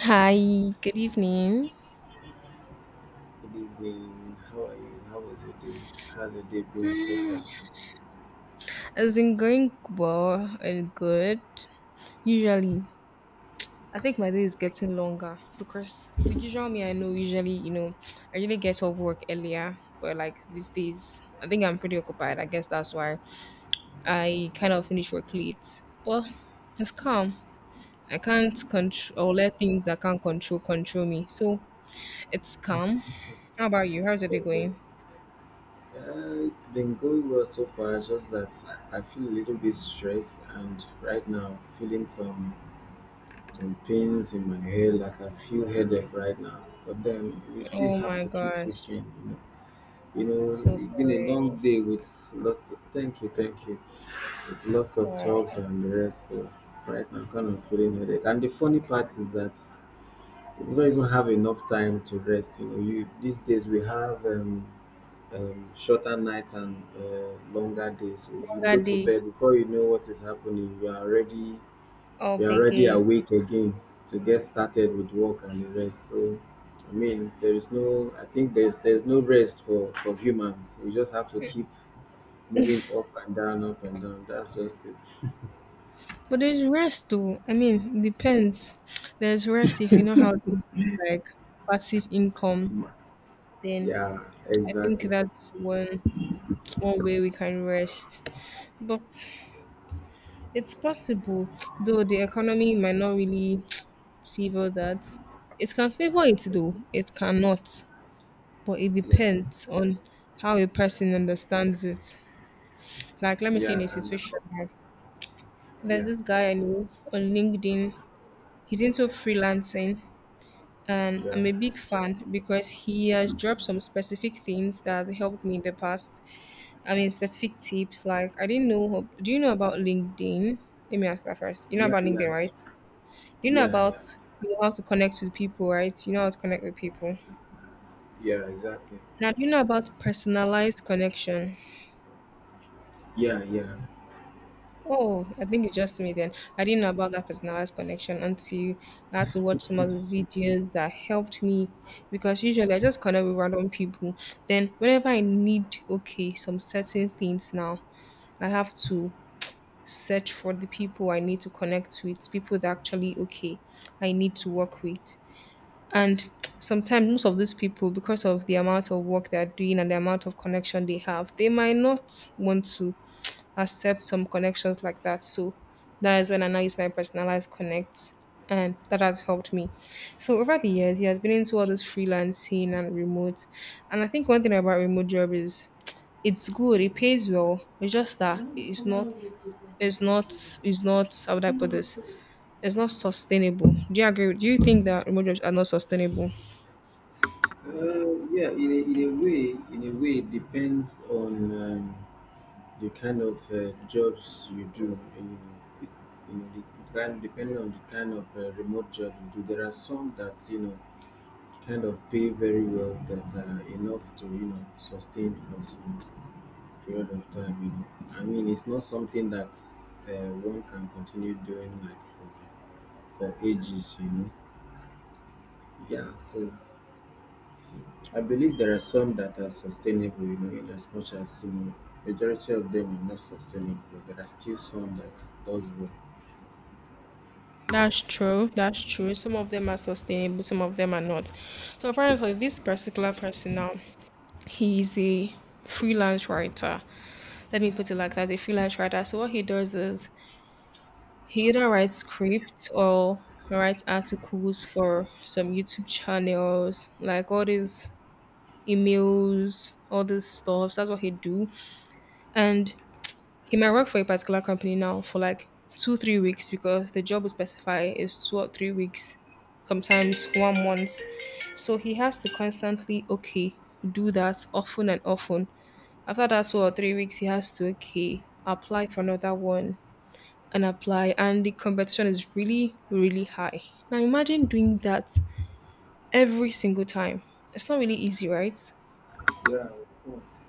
Hi, good evening. Good evening. How are you? How was your day? How's your day been so far? It's been going well and good. Usually, I think my day is getting longer because the usual me I know usually, I really get off work earlier. But like these days, I think I'm pretty occupied. I guess that's why I kind of finish work late. But it's calm. I can't control or let things that I can't control control me. So it's calm. How about you? How's your day going? It's been going well so far, just that I feel a little bit stressed and right now feeling some pains in my head, like I feel headache right now. But then we still Oh have my to keep gosh, pushing, you know. You know, so it's been a sorry. long day with lots of, thank you, thank you. With lots of Wow. talks and the rest. So right now I'm kind of feeling headache. And the funny part is that you don't even have enough time to rest. You know, you these days we have shorter nights and longer days. So you Longer go to day bed before you know what is happening. Up You are already again. awake again to get started with work and the rest. So I mean, there is no. I think there's no rest for humans. We just have to keep moving up and down, up and down. That's just it. But there's rest though. I mean, depends. There's rest if you know how to build like passive income, Mm. then Yeah, I think exactly. that's one way we can rest. But it's possible, though the economy might not really favor that. It can favor it though, it cannot. But it Yeah, depends on how a person understands it. Like let me say in yeah, a and situation, like, yeah, there's yeah, this guy I know on LinkedIn. He's into freelancing, and yeah, I'm a big fan because he has dropped some specific things that has helped me in the past. I mean, specific tips like I didn't know. Do you know about LinkedIn? Let me ask that first. You know yeah, about yeah. LinkedIn, right? Do you know Yeah, yeah, about you know how to connect with people, right? You know how to connect with people. yeah, exactly. Now, do you know about personalized connection? Yeah, yeah. Oh, I think it's just me then. I didn't know about that personalized connection until I had to watch some of those videos that helped me because usually I just connect with random people. Then whenever I need okay, some certain things now, I have to search for the people I need to connect with, people that actually okay, I need to work with. And sometimes most of these people, because of the amount of work they're doing and the amount of connection they have, they might not want to accept some connections like that. So that is when I now use my personalized connect, and that has helped me. So over the years, he has been into all this freelancing and remote. And I think one thing about remote job is it's good, it pays well. It's just that it's not, it's not. How would I put this? It's not sustainable. Do you agree? Do you think that remote jobs are not sustainable? Yeah, in a way, it depends on um, the kind of jobs you do. You know, It- you know, the kind, depending on the kind of remote job you do, there are some that you know kind of pay very well that are enough to you know sustain for some period of time. You know, I mean, it's not something that one can continue doing like for ages. You know. Yeah, so I believe there are some that are sustainable, you know, in as much as you know, majority of them are not sustainable. There are still some that does well. That's true. That's true. Some of them are sustainable, some of them are not. So, for example, this particular person now, he's a freelance writer. Let me put it like that, a freelance writer. So what he does is he either writes scripts or writes articles for some YouTube channels, like all these emails, all this stuff. That's what he do. And he might work for a particular company now for like two, 3 weeks because the job we specify is 2 or 3 weeks, sometimes 1 month. So he has to constantly okay do that often and often. After that 2 or 3 weeks, he has to okay apply for another one and apply, and the competition is really high. Now imagine doing that every single time. It's not really easy, right? Yeah, of course.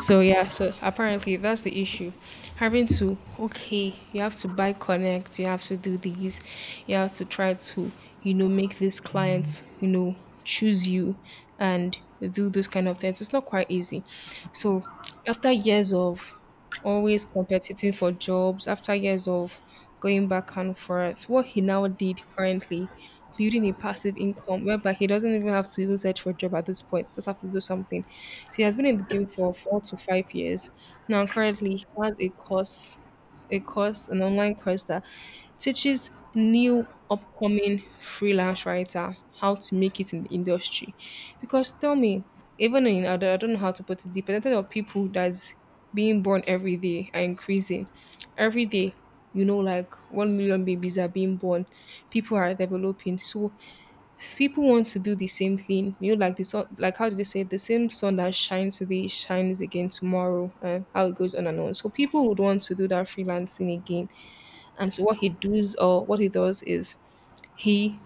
So yeah, so apparently that's the issue. Having to okay, you have to buy connect, you have to do these, you have to try to, you know, make this client, you know, choose you and do those kind of things. It's not quite easy. So after years of always competing for jobs after years of going back and forth. What he now did currently, building a passive income whereby he doesn't even have to even search for a job at this point, just have to do something. So he has been in the game for 4 to 5 years. Now currently he has a course, a course, an online course that teaches new upcoming freelance writer how to make it in the industry. Because tell me, even in I don't know how to put it, the percentage of people that's being born every day are increasing. Every day, you know, like 1 million babies are being born. People are developing, so people want to do the same thing. You know, like the sun, like how do they say, the same sun that shines today shines again tomorrow, and how it goes on and on. So people would want to do that freelancing again, and so what he does or what he does is he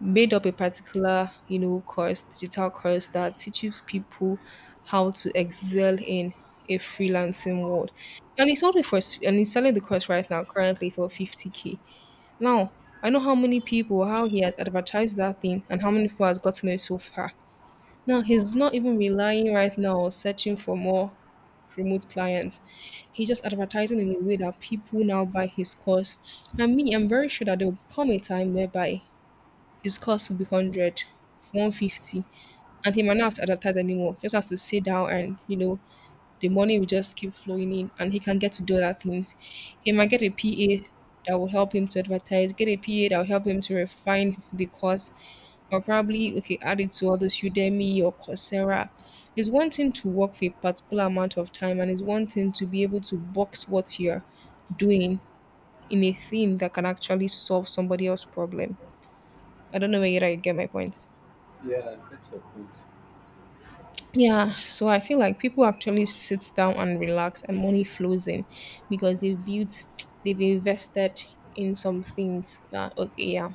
made up a particular, you know, course, digital course that teaches people how to excel in a freelancing world. And he's only for and he's selling the course right now currently for 50k. Now, I know how many people, how he has advertised that thing and how many people has gotten it so far. Now he's not even relying right now or searching for more remote clients. He's just advertising in a way that people now buy his course. And me, I'm very sure that there will come a time whereby his course will be 100, 150, and he might not have to advertise anymore. Just have to sit down and, you know, the money will just keep flowing in and he can get to do other things. He might get a PA that will help him to advertise, get a PA that will help him to refine the course, or probably okay add it to all this Udemy or Coursera. It's one thing to work for a particular amount of time and it's one thing to be able to box what you're doing in a thing that can actually solve somebody else's problem. I don't know whether you get my point. Yeah, I get your point. Yeah, so I feel like people actually sit down and relax and money flows in because they've built, they've invested in some things that, okay, yeah,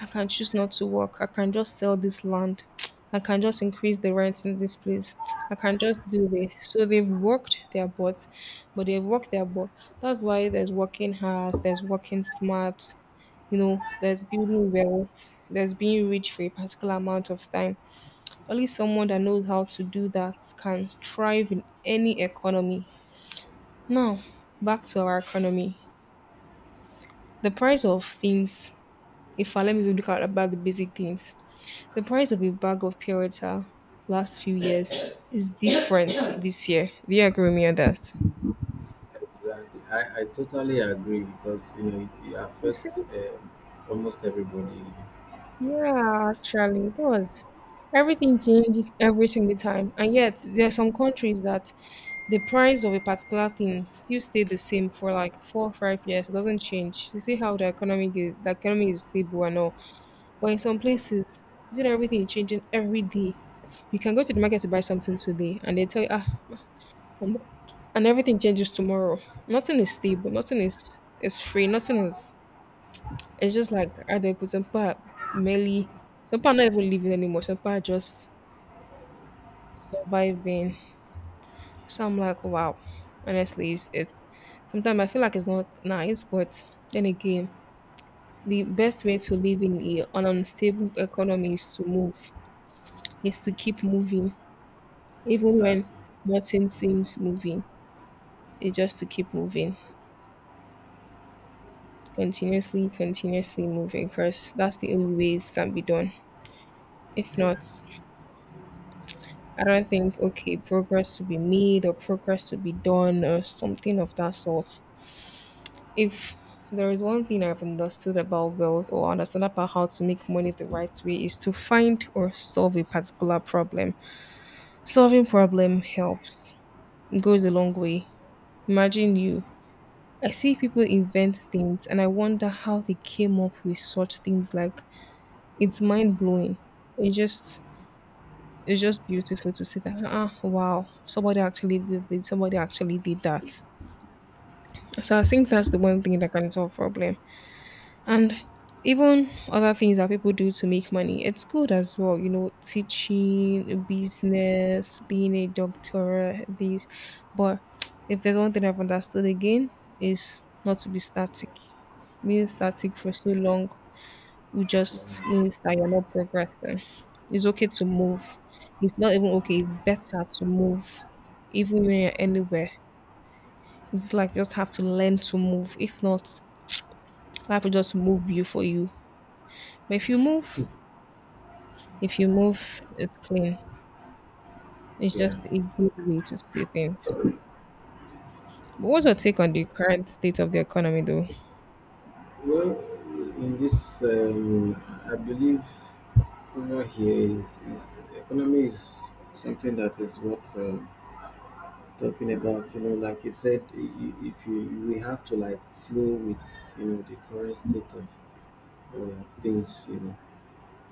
I can choose not to work. I can just sell this land. I can just increase the rent in this place. I can just do this. So they've worked their butts, but they've worked their butt. That's why there's working hard, there's working smart, you know, there's building wealth, there's being rich for a particular amount of time. Only someone that knows how to do that can thrive in any economy. Now, back to our economy. The price of things, if I let me look at about the basic things. The price of a bag of pure water last few years is different this year. Do you agree with me on that? Exactly. I totally agree because you know it You see? affects almost everybody. Yeah, actually, that was. Everything changes every single time. And yet, there are some countries that the price of a particular thing still stay the same for like 4 or 5 years. It doesn't change. To see how the economy is stable and all. But in some places, you know, everything is changing every day. You can go to the market to buy something today, and they tell you, ah, Um, and everything changes tomorrow. Nothing is stable. Nothing is free. Nothing is. It's just like are they put some people are merely some people are not even living anymore. Some people are just surviving. So I'm like, wow. Honestly, it's sometimes I feel like it's not nice, but then again, the best way to live in a- an unstable economy is to move, is to keep moving, even when Exactly. nothing seems moving. It's just to keep moving. Continuously, continuously moving because that's the only way it can be done. If Yeah. not, I don't think okay, progress to be made or progress to be done or something of that sort. If there is one thing I've understood about wealth or understand about how to make money the right way is to find or solve a particular problem. Solving problem helps. It goes a long way. Imagine you. I see people invent things and I wonder how they came up with such things like it's mind blowing. It's just it's just beautiful to see that. Ah, wow! Somebody actually did this. Somebody actually did that. So I think that's the one thing that can solve problem. And even other things that people do to make money, it's good as well. You know, teaching, business, being a doctor, these. But if there's one thing I've understood again, is not to be static. Being static for so long it just means that you're not progressing. It's okay to move. It's not even okay. It's better to move, even when you're anywhere. It's like you just have to learn to move. If not, life will just move you for you. But if you move, it's clean. It's Yeah. just a good way to see things. But what's your take on the current state of the economy, though? Well, in this, I believe over here is economy is something that is what talking about you know like you said if you we have to like flow with you know the current state of things you know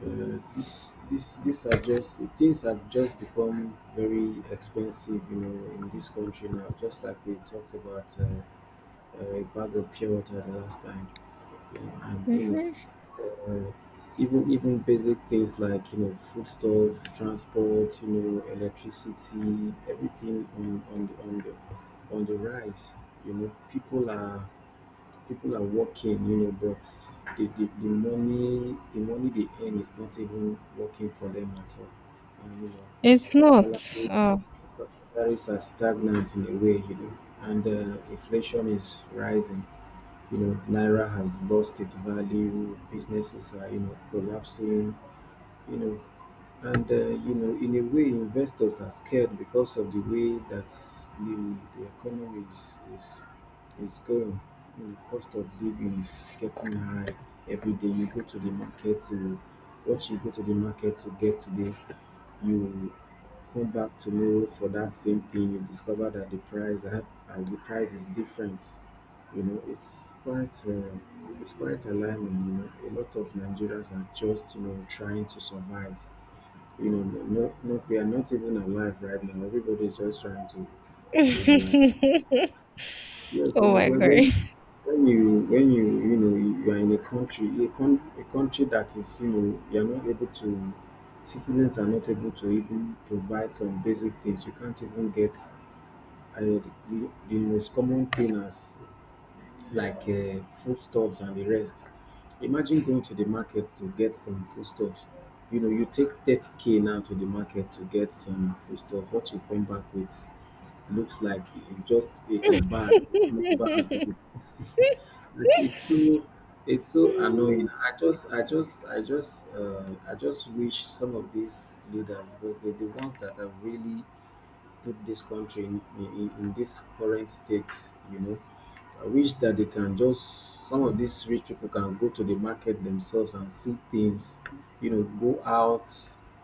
this this are just things have just become very expensive you know in this country now just like we talked about a bag of pure water the last time. Yeah, and you know uh, even basic things like you know foodstuff transport you know electricity everything on on the rise. You know people are working you know but the money they earn is not even working for them at all. And you know It's not. salary Uh, salaries are stagnant in a way you know and inflation is rising. You know, Naira has lost its value, businesses are, you know, collapsing, you know, and you know, in a way, investors are scared because of the way that the economy is going. You know, cost of living is getting high. Every day you go to the market to what you go to the market to get today, you come back tomorrow for that same thing you discover that the price is different. You know it's quite alarming. You know a lot of nigerians are just you know trying to survive. You know not we are not even alive right now everybody is just trying to to like yes you oh know my when god. when when you when you know you are in a country a country that is you know you are not able to citizens are not able to even provide some basic things you can't even get. And the most common thing as like foodstuffs and the rest. Imagine going to the market to get some foodstuffs. You know, you take 30K now to the market to get some foodstuff. What you come back with looks like just a bag, a small bag. Like it's so, it's so annoying. I just wish some of these leaders because they're the ones that are really put this country in this current state, you know. I wish that they can just, some of these rich people can go to the market themselves and see things, you know, go out,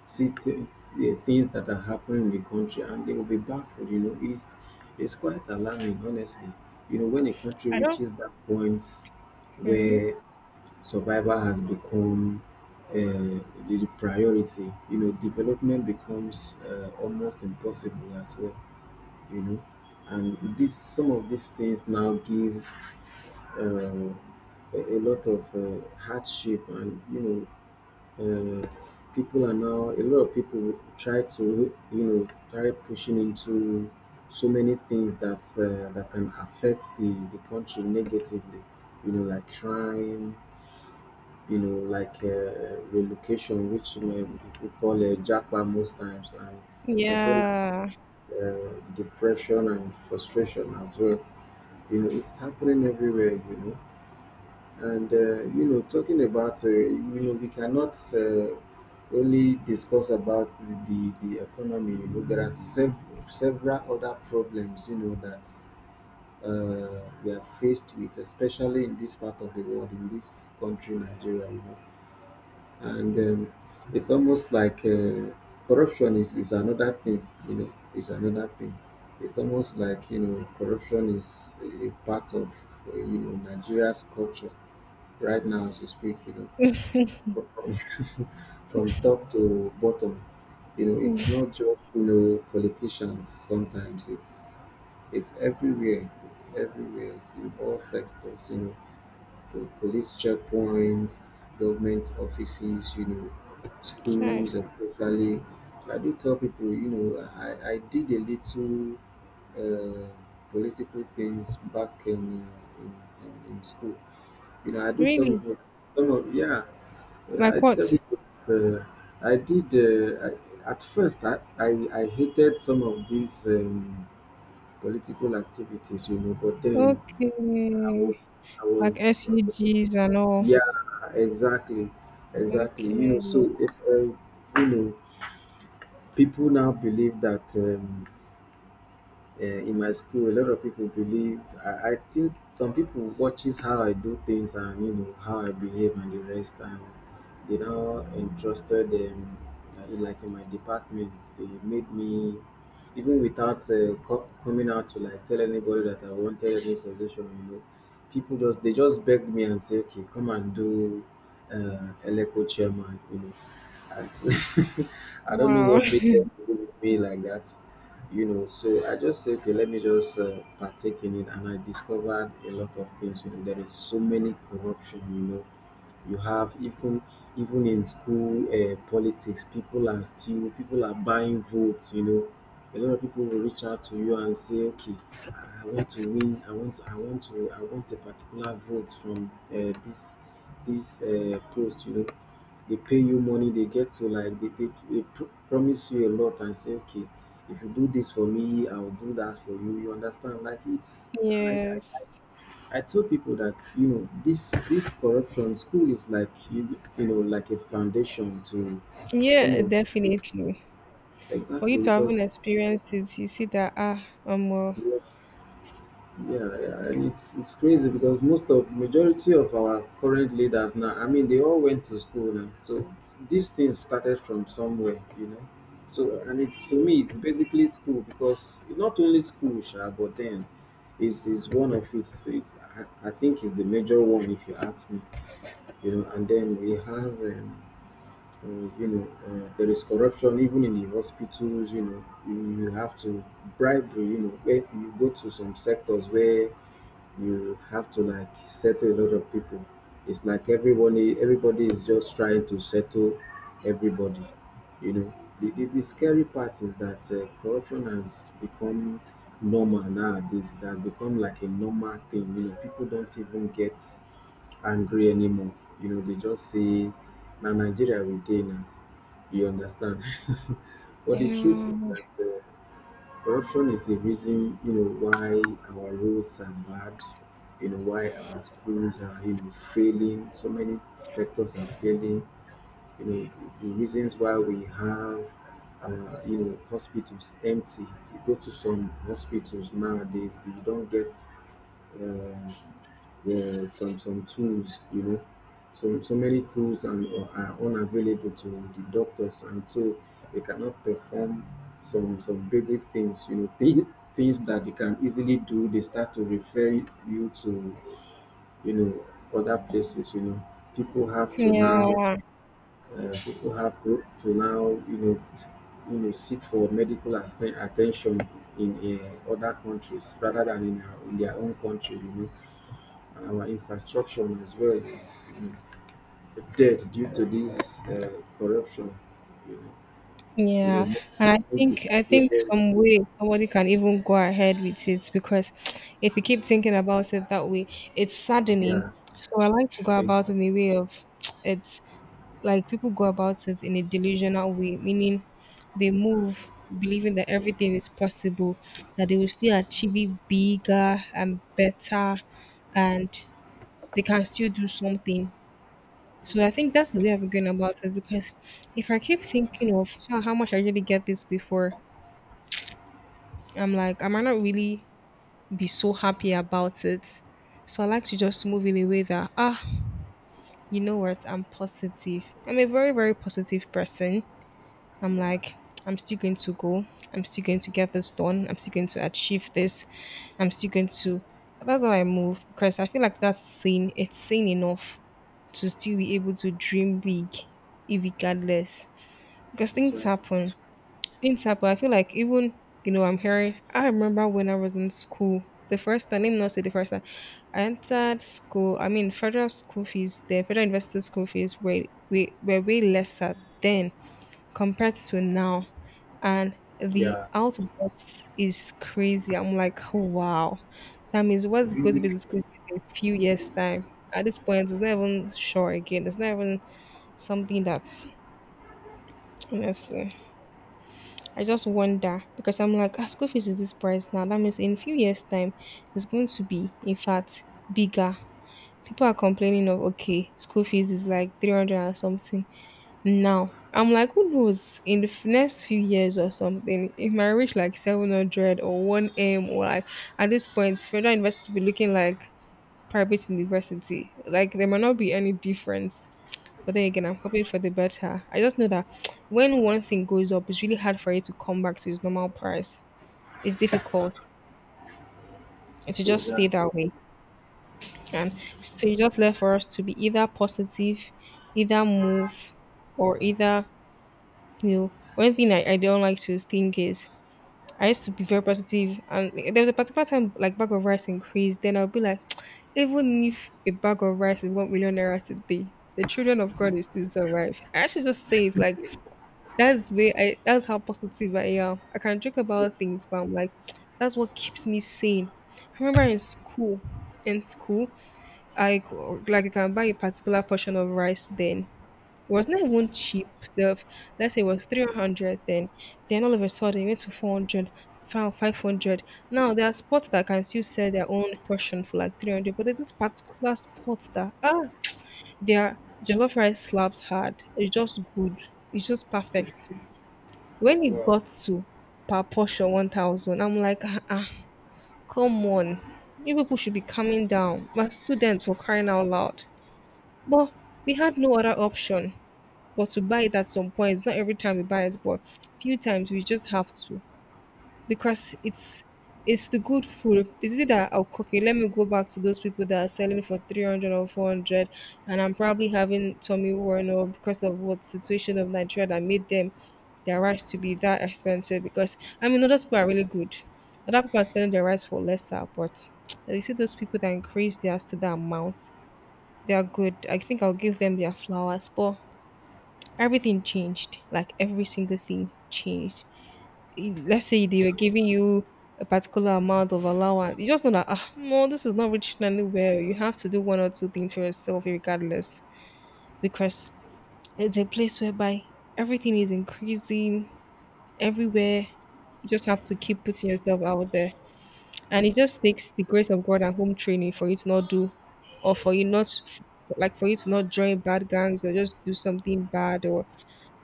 see things that are happening in the country and they will be baffled, you know. It's quite alarming, honestly. You know, when a country I don't. reaches that point Mhm. where survival has become uh, the, the priority, you know, development becomes almost impossible as well, you know. And this, some of these things now give a lot of hardship, and you know, uh, people are now a lot of people try to you know try pushing into so many things that that can affect the country negatively, you know, like crime. You know, like relocation, which we people call a jackpot most times, and as well as Yeah. Depression and frustration as well. You know it's happening everywhere, you know. And you know talking about you know we cannot only discuss about the the economy. You know there are several other problems you know that we are faced with, especially in this part of the world in this country nigeria, you know. And it's almost like corruption is another thing, you know, is another thing. It's almost like you know corruption is a part of you know nigeria's culture right now as we speak, you know, from from top to bottom. You know it's Mm, not just you know politicians, sometimes it's everywhere, it's everywhere, it's in all sectors, you know, the police checkpoints, government offices, you know, try. schools especially. So I do tell people, you know, I did a little uh, political things back in, in school. You know, I do tell Really? people some of yeah, Like I tell what? people uh, at first I I hated some of these political activities, you know, but then I Okay. was I Like was SUGs and all. yeah, exactly, exactly. You know, Okay. so if you know, people now believe that. In my school a lot of people believe I think some people watches how I do things and you know how I behave and the rest and they now entrusted them like in my department they made me even without coming out to like tell anybody that I wanted any position, you know. People just they just begged me and say okay come and do eleco chairman, you know. And I don't know Wow. what made them do with me like that, you know. So I just said okay let me just partake in it and I discovered a lot of things, you know, there is so many corruption, you know. You have even even in school politics people are still people are buying votes, you know. A lot of people will reach out to you and say okay I want to win, I want to I want a particular vote from this post, you know. They pay you money, they get to like they promise you a lot and say okay if you do this for me I'll do that for you, you understand. Like it's i, I Yes. I tell people that you know this corruption school is like you know like a foundation to some Yeah, of definitely. For you exactly to have an because experience it, you see that yeah yeah, and it's crazy because most of majority of our current leaders now I mean they all went to school now, so these things started from somewhere, you know. So and it's for me it's basically school, because not only school sha, but then is one of I think is the major one if you ask me. You know, and then we have, uh, you know, there is corruption even in the hospitals, you know. You have to bribery, you know, where you go to some sectors where you have to like settle a lot of people. It's like everybody, everybody is just trying to settle everybody, you know. The scary part is that corruption has become normal nowadays. It has become like a normal thing. You know, people don't even get angry anymore. You know, they just say, na Nigeria we dey now, you understand. But the truth is yeah, that corruption is the reason, you know, why our roads are bad, you know, why our schools are, you know, failing, so many sectors are failing, you know, the reasons why we have you know, hospitals empty. You go to some hospitals nowadays, you don't get uh, yeah, some tools, you know, so many tools and are unavailable to the doctors, and so they cannot perform some basic things, you know, things that they can easily do. They start to refer you to, you know, other places. You know, people have to now, yeah, people have to now, you know, seek for medical attention in other countries rather than in, our, in their own country, you know our infrastructure as well is dead due to this corruption. You know, you know, yeah. mo- And I all think these I think players, some way somebody can even go ahead with it because if you keep thinking about it that way, it's saddening. yeah, So I like to go about exactly, in the way of it's like people go about it in a delusional way, meaning they move believing that everything is possible, that they will still achieve it bigger and better, and they can still do something. So I think that's the way I've been going about it because if I keep thinking of how much I really get this before, I'm like, I might not really be so happy about it. So I like to just move in a way that, you know what, I'm positive. I'm a very, very positive person. I'm like, I'm still going to go. I'm still going to get this done. I'm still going to achieve this. I'm still going to. That's how I move because I feel like that's sane. It's sane enough to still be able to dream big, regardless. Because things exactly, happen. Things happen. I feel like even, you know, I'm hearing, I remember when I was in school, the first time, let me not say the first time, I entered school. I mean, federal school fees, the federal university school fees were way lesser then compared to now. And the yeah, outburst is crazy. I'm like, wow. That means what's going to really, be the school fees in a few years' time. At this point, it's not even sure again. It's not even something that, honestly, I just wonder because I'm like, ah, school fees is this price now. That means in a few years' time, it's going to be, in fact, bigger. People are complaining of, okay, school fees is like 300 and something now. I'm like, who knows? In the next few years or something, it might reach like 700 or 1M, or like at this point, federal university will be looking like private university. Like there might not be any difference. But then again, I'm hoping for the better. I just know that when one thing goes up, it's really hard for it to come back to its normal price. It's difficult. And to just stay exactly. that way. And so you just left for us to be either positive, either move, or either. You know, one thing I don't like to think is I used to be very positive, and there was a particular time like bag of rice increased. Then I'll be like, even if a bag of rice is 1 million naira today, the children of God is still survive. I actually just say it's like that's way I that's how positive I am. I can joke about things, but I'm like that's what keeps me sane. I remember in school, I c- like I can buy a particular portion of rice then. It was not even cheap self. Let's say it was 300 then. Then all of a sudden it went to 400, 500. Now there are spots that can still sell their own portion for like 300, but there's this particular spot that, ah, their jollof rice slabs hard. It's just good. It's just perfect. When it Wow, got to per portion 1000, I'm like, ah, ah, come on. You people should be coming down. My students were crying out loud. But we had no other option but to buy it at some point. It's not every time we buy it, but few times we just have to because it's the good food. Is it that I oh, okay? Let me go back to those people that are selling for 300 or 400, and I'm probably having Tommy worn or because of what situation of Nigeria that made them their rice to be that expensive. Because I mean, other people are really good. Other people are selling their rice for lesser, but you see those people that increase theirs to that amount, they are good. I think I'll give them their flowers, but everything changed, like every single thing changed. I- let's say they were giving you a particular amount of allowance, you just know that ah, no, this is not reaching anywhere, you have to do one or two things for yourself regardless, because it's a place whereby everything is increasing everywhere. You just have to keep putting yourself out there, and it just takes the grace of God and home training for you to not do, or for you not, like for you to not join bad gangs or just do something bad or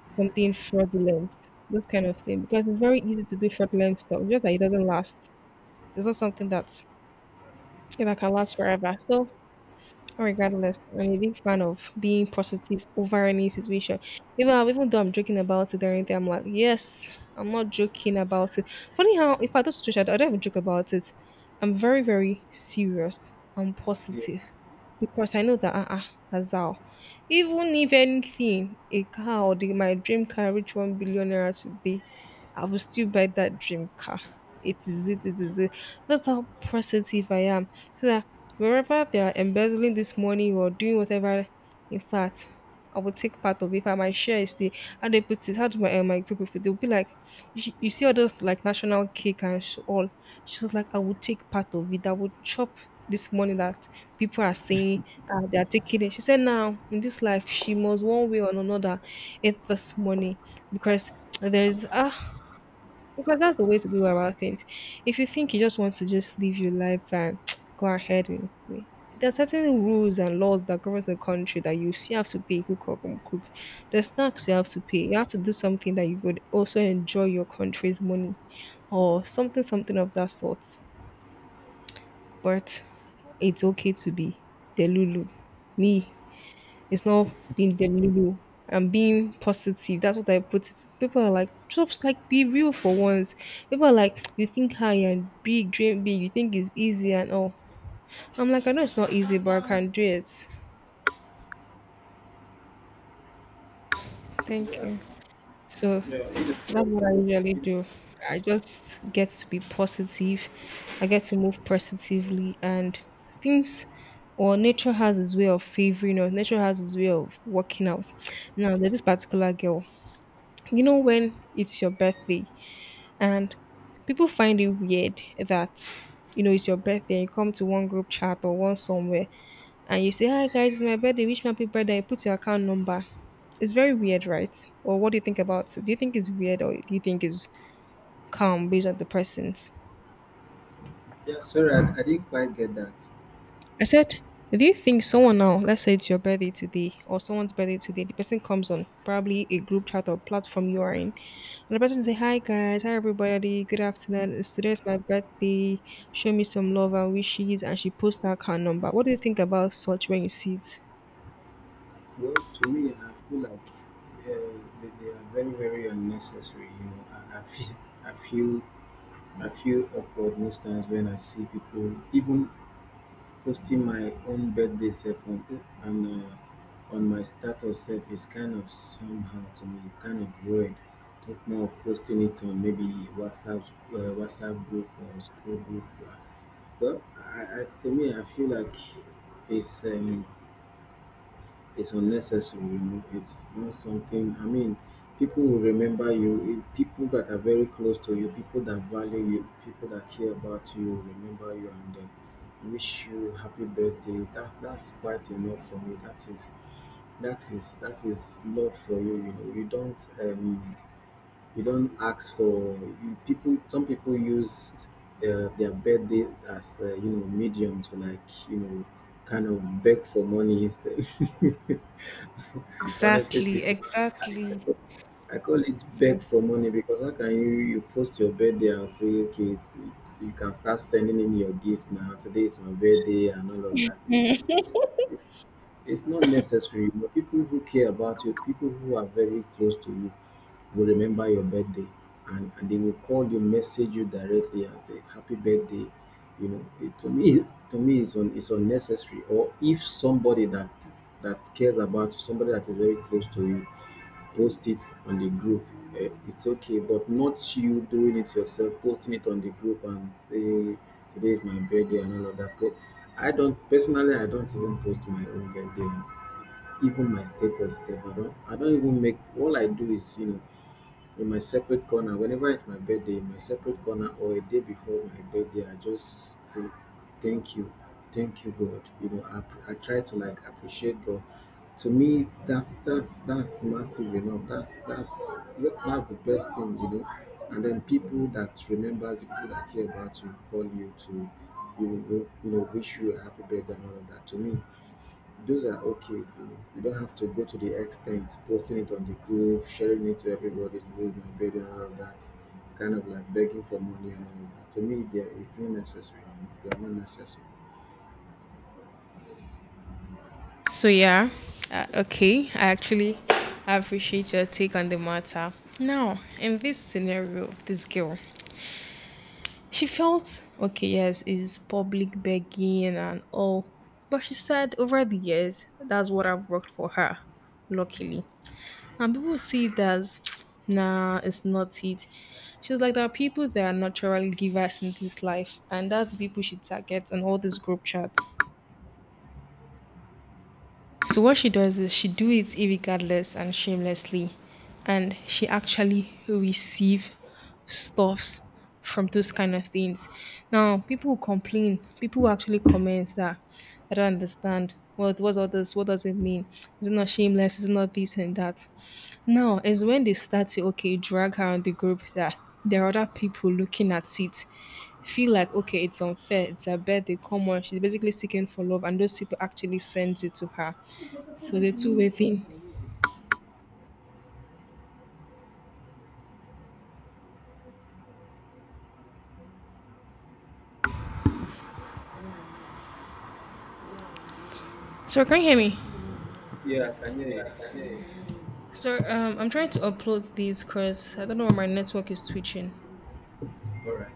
something fraudulent, those kind of thing. Because it's very easy to do fraudulent stuff, just that it doesn't last. It's not something that, yeah, that can last forever. So regardless, I'm a big fan of being positive over any situation. Even though I'm joking about it or anything, I'm like, yes, I'm not joking about it. Funny how if I do situation, I don't even joke about it. I'm very very serious. I'm yeah, positive because I know that that's how. Even if anything, a car or the, my dream car reach 1 billion naira today, I will still buy that dream car. It is it. That's how positive I am. So that wherever they are embezzling this money or doing whatever, in fact, I will take part of it. If I my share is the how they put it, how do my people put it? They'll be like, you see all those like national cake and all. She was like, I will take part of it. I will chop this money that people are saying they are taking it. She said, now in this life, she must one way or another eat this money because there's ah because that's the way to go about things. If you think you just want to just live your life and go ahead and there are certain rules and laws that govern the country that you still have to pay cook or cook. There's tax you have to pay. You have to do something that you could also enjoy your country's money or something, something of that sort. But it's okay to be the Lulu. Me, it's not being delulu. I'm being positive. That's what I put it. People are like, just like be real for once. People are like, you think high and big, dream big. You think it's easy and all. I'm like, I know it's not easy, but I can do it. Thank yeah, you. So that's what I usually do. I just get to be positive. I get to move positively, and things or nature has its way of favoring us. Nature has its way of working out. Now there's this particular girl. You know when it's your birthday, and people find it weird that, you know, it's your birthday and you come to one group chat or one somewhere, and you say, "Hi guys, it's my birthday, wish me happy birthday," you put your account number. It's very weird, right? Or what do you think about it? Do you think it's weird, or do you think it's calm based on the person's. yeah. Sorry, I didn't quite get that. I said, do you think someone now, let's say it's your birthday today or someone's birthday today, the person comes on probably a group chat or platform you are in, and the person say, "Hi guys, hi everybody, good afternoon. It's today's my birthday. Show me some love and wishes," and she posts that her number. What do you think about such when you see it? Well, to me, I feel like uh, they are very, very unnecessary. You know, I feel, I feel awkward most times when I see people, even posting my own birthday self on and on my status self is kind of somehow to me, kind of weird. Think more of posting it on maybe WhatsApp, WhatsApp group or school group. Well, to me, I feel like it's um, it's unnecessary, you know. It's not something. I mean, people will remember you. People that are very close to you, people that value you, people that care about you, will remember you and then wish you happy birthday. That's quite enough for me. That is that is love for you. You know, you don't ask for you people. Some people use their birthday as you know medium to like you know kind of beg for money instead. Honestly Exactly, speaking, I exactly. call, I call it beg for money because how can you you post your birthday and say okay, you can start sending in your gift now. Today is my birthday and all of that. It's it's not necessary, but people who care about you, people who are very close to you, will remember your birthday and they will call you, message you directly and say happy birthday. You know, to me, it's unnecessary. Or if somebody that cares about you, somebody that is very close to you, post it on the group eh, it's okay but not you doing it yourself posting it on the group and say today is my birthday and all of that post I don't personally I don't even post my own birthday even my status sef I don't I don't even make all I do is you know in my separate corner whenever it's my birthday in my separate corner or a day before my birthday I just say thank you thank you God you know I try to like appreciate God to me that's massive you know that's the best thing you know and then people that remembers the people that care about you call you to you know wish you a happy birthday and all of that to me those are okay. You know, you don't have to go to the extent posting it on the group, sharing it to everybody. Today is my birthday and all of that. Kind of like begging for money and all of that. To me, there is no necessary. They are not necessary. So yeah, okay. I actually appreciate your take on the matter. Now, in this scenario of this girl, she felt okay, yes, it's public begging and all. But she said over the years, that's what I've worked for her, luckily. And people see it as, nah, it's not it. She was like, there are people that are naturally givers in this life, and that's the people she targets and all these group chats. So what she does is she do it irregardless and shamelessly, and she actually receive stuffs from those kind of things. Now people will complain, people will actually comment that I don't understand. Well, what what's all this? What does it mean? Is it not shameless? Is it not this and that? Now is when they start to okay drag her on the group that there are other people looking at it feel like okay it's unfair, it's her birthday, come on, she's basically seeking for love, and those people actually sends it to her. So the two-way thing. So can you hear me? Yeah, I can hear you. So I'm trying to upload these because I don't know why my network is twitching. All right.